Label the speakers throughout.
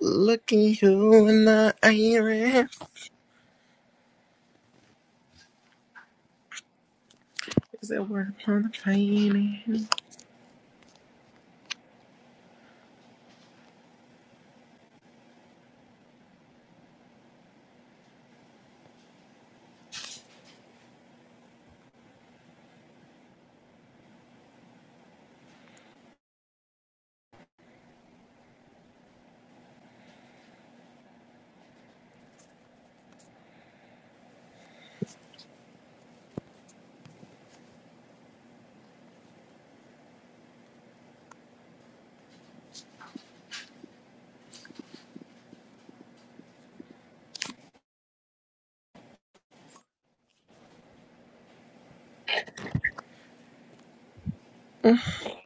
Speaker 1: Looking you in the iris. Is it word on the painting?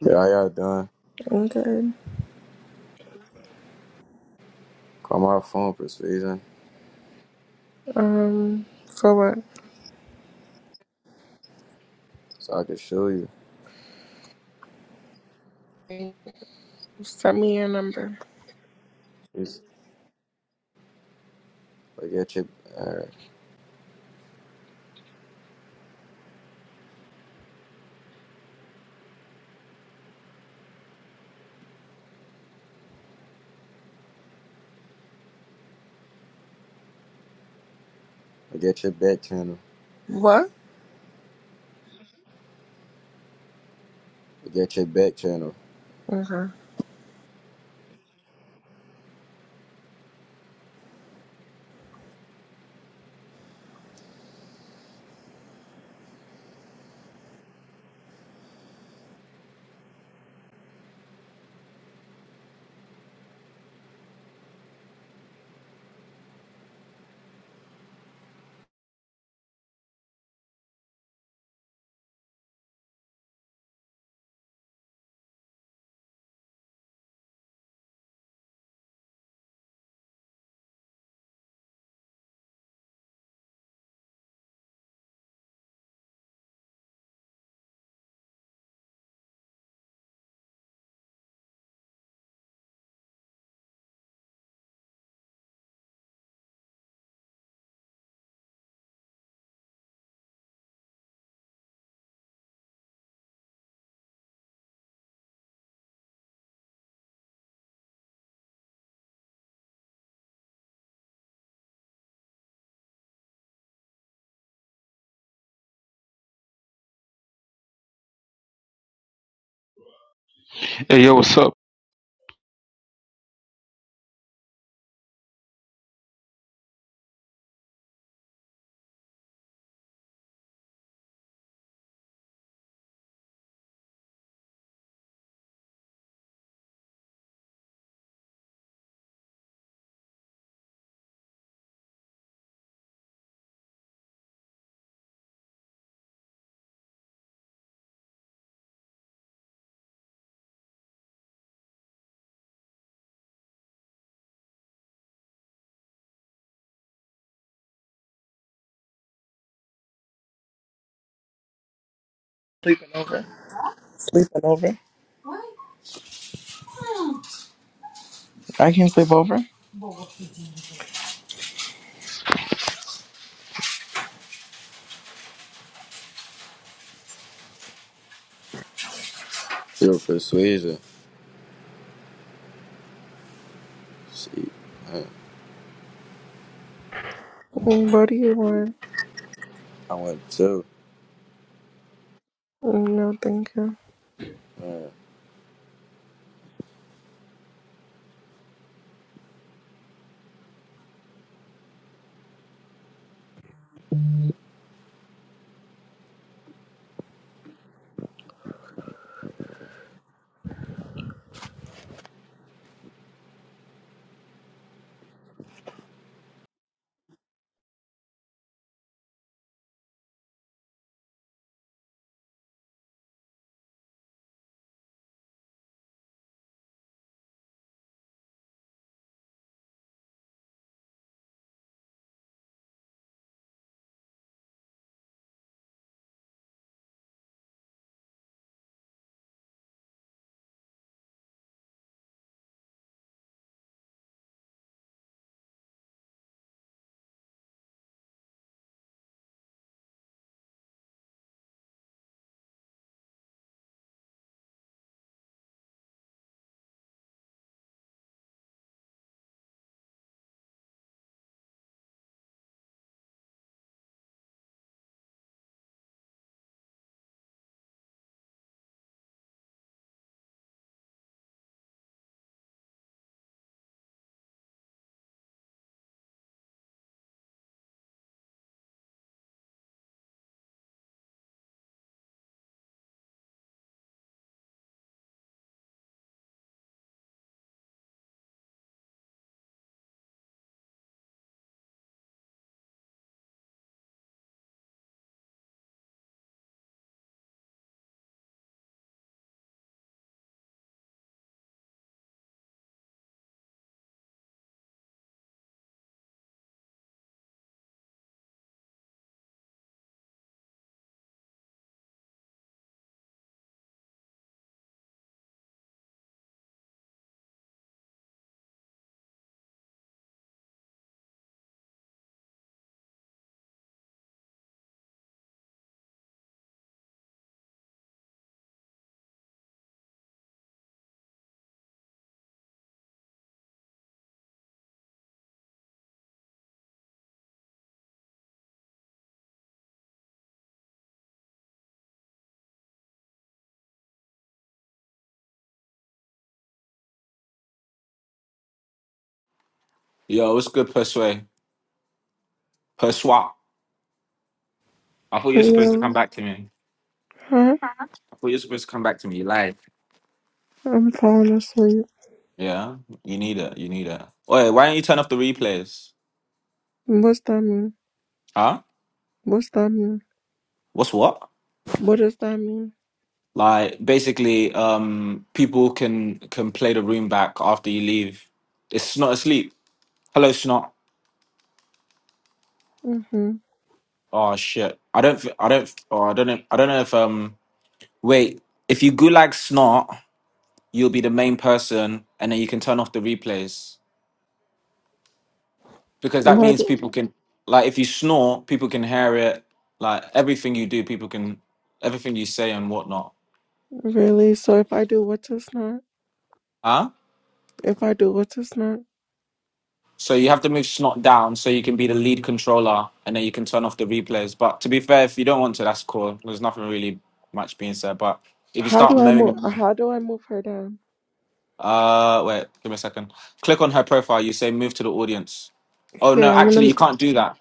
Speaker 2: Yeah, how y'all doing?
Speaker 1: I'm good.
Speaker 2: Call my phone, Persuasion,
Speaker 1: Um, for
Speaker 2: so I can show you.
Speaker 1: what? Send me your number.
Speaker 2: It's look at your, uh, look at your back channel.
Speaker 1: What?
Speaker 2: Look at your back channel.
Speaker 1: Okay.
Speaker 3: Hey, yo, what's up?
Speaker 1: Sleeping over. Sleeping over. I can sleep over.
Speaker 2: Your Persuasion. See, uh,
Speaker 1: Mm, What do you want?
Speaker 2: I went too.
Speaker 1: Mm, No, thank you.
Speaker 2: Uh,
Speaker 4: Yo, what's good, Persuade? Perswap. I thought you were supposed to
Speaker 1: Yeah.
Speaker 4: come back to me.
Speaker 1: Huh?
Speaker 4: I thought you were supposed to come back to me live.
Speaker 1: I'm falling asleep.
Speaker 4: Yeah, you need it. You need it. Wait, why don't you turn off the replays?
Speaker 1: What's that mean?
Speaker 4: Huh?
Speaker 1: What's that mean?
Speaker 4: What's what?
Speaker 1: What does that mean?
Speaker 4: Like basically, um, people can can play the room back after you leave. It's not asleep. Hello, snot.
Speaker 1: Mm-hmm.
Speaker 4: Oh shit. I don't. thi- I don't. f- Oh, I don't know. I don't know if um. Wait. If you gulag snot, you'll be the main person, and then you can turn off the replays. because that
Speaker 1: What?
Speaker 4: means people can like if you snore people can hear it like everything you do people can everything you say and whatnot
Speaker 1: Really? So if I do what's this not?
Speaker 4: huh
Speaker 1: If I do what's this not?
Speaker 4: so you have to move snot down so you can be the lead controller and then you can turn off the replays but to be fair if you don't want to that's cool there's nothing really much being said but if you
Speaker 1: How
Speaker 4: start
Speaker 1: do I move?
Speaker 4: moaning
Speaker 1: How do I move her down?
Speaker 4: uh wait give me a second click on her profile you say move to the audience oh
Speaker 1: Here,
Speaker 4: no
Speaker 1: I'm
Speaker 4: actually
Speaker 1: gonna.
Speaker 4: you can't do that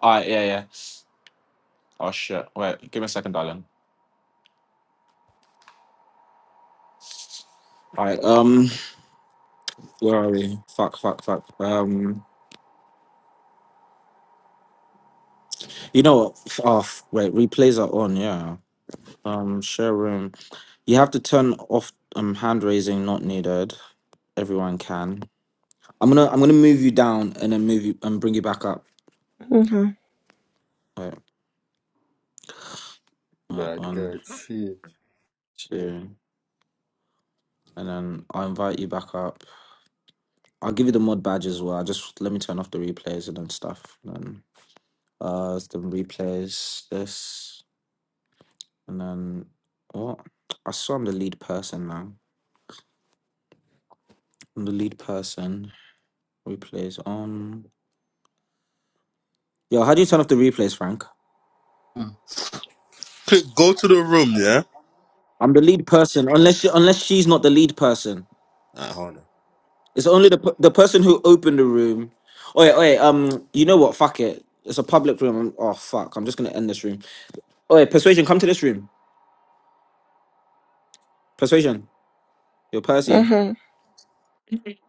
Speaker 4: all right yeah yeah oh shit wait give me a second darling all right um. Where are we? Fuck, fuck, fuck. Um, you know what? F- Oh, f- wait, replays are on, yeah. Um, share room. You have to turn off um hand raising not needed. Everyone can. I'm gonna I'm gonna move you down and then move you and bring you back up.
Speaker 1: Uh huh.
Speaker 4: Wait, wait,
Speaker 5: Bad guy.
Speaker 4: one,
Speaker 5: Shit.
Speaker 4: two, and then I'll invite you back up. I'll give you the mod badge as well. Just let me turn off the replays and then stuff. And then uh the replays this and then what? I saw I'm the lead person now. I'm the lead person. Replays on. Yo, how do you turn off the replays, Frank?
Speaker 5: Click go to the room, yeah?
Speaker 4: I'm the lead person, unless she, unless she's not the lead person.
Speaker 5: Hold on.
Speaker 4: It's only the per- the person who opened the room. Oh yeah, Um, you know what? Fuck it. It's a public room. oh fuck! I'm just gonna end this room. Oh persuasion, come to this room. Persuasion, yo,
Speaker 1: Uh
Speaker 4: Percy,
Speaker 1: huh.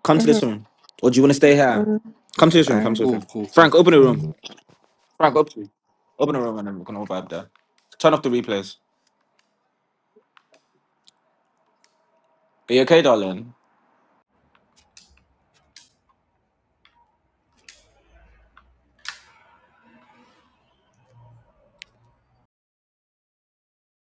Speaker 4: come
Speaker 1: Uh
Speaker 4: to
Speaker 1: huh.
Speaker 4: this room. Or do you want to stay here? Come to this room. Come to
Speaker 1: All
Speaker 4: this
Speaker 5: Cool,
Speaker 4: room.
Speaker 5: cool, cool.
Speaker 4: Frank, open the
Speaker 1: right.
Speaker 4: room. Frank, open. Open the room, and then we're gonna all vibe there. Turn off the replays. Are you okay, darling?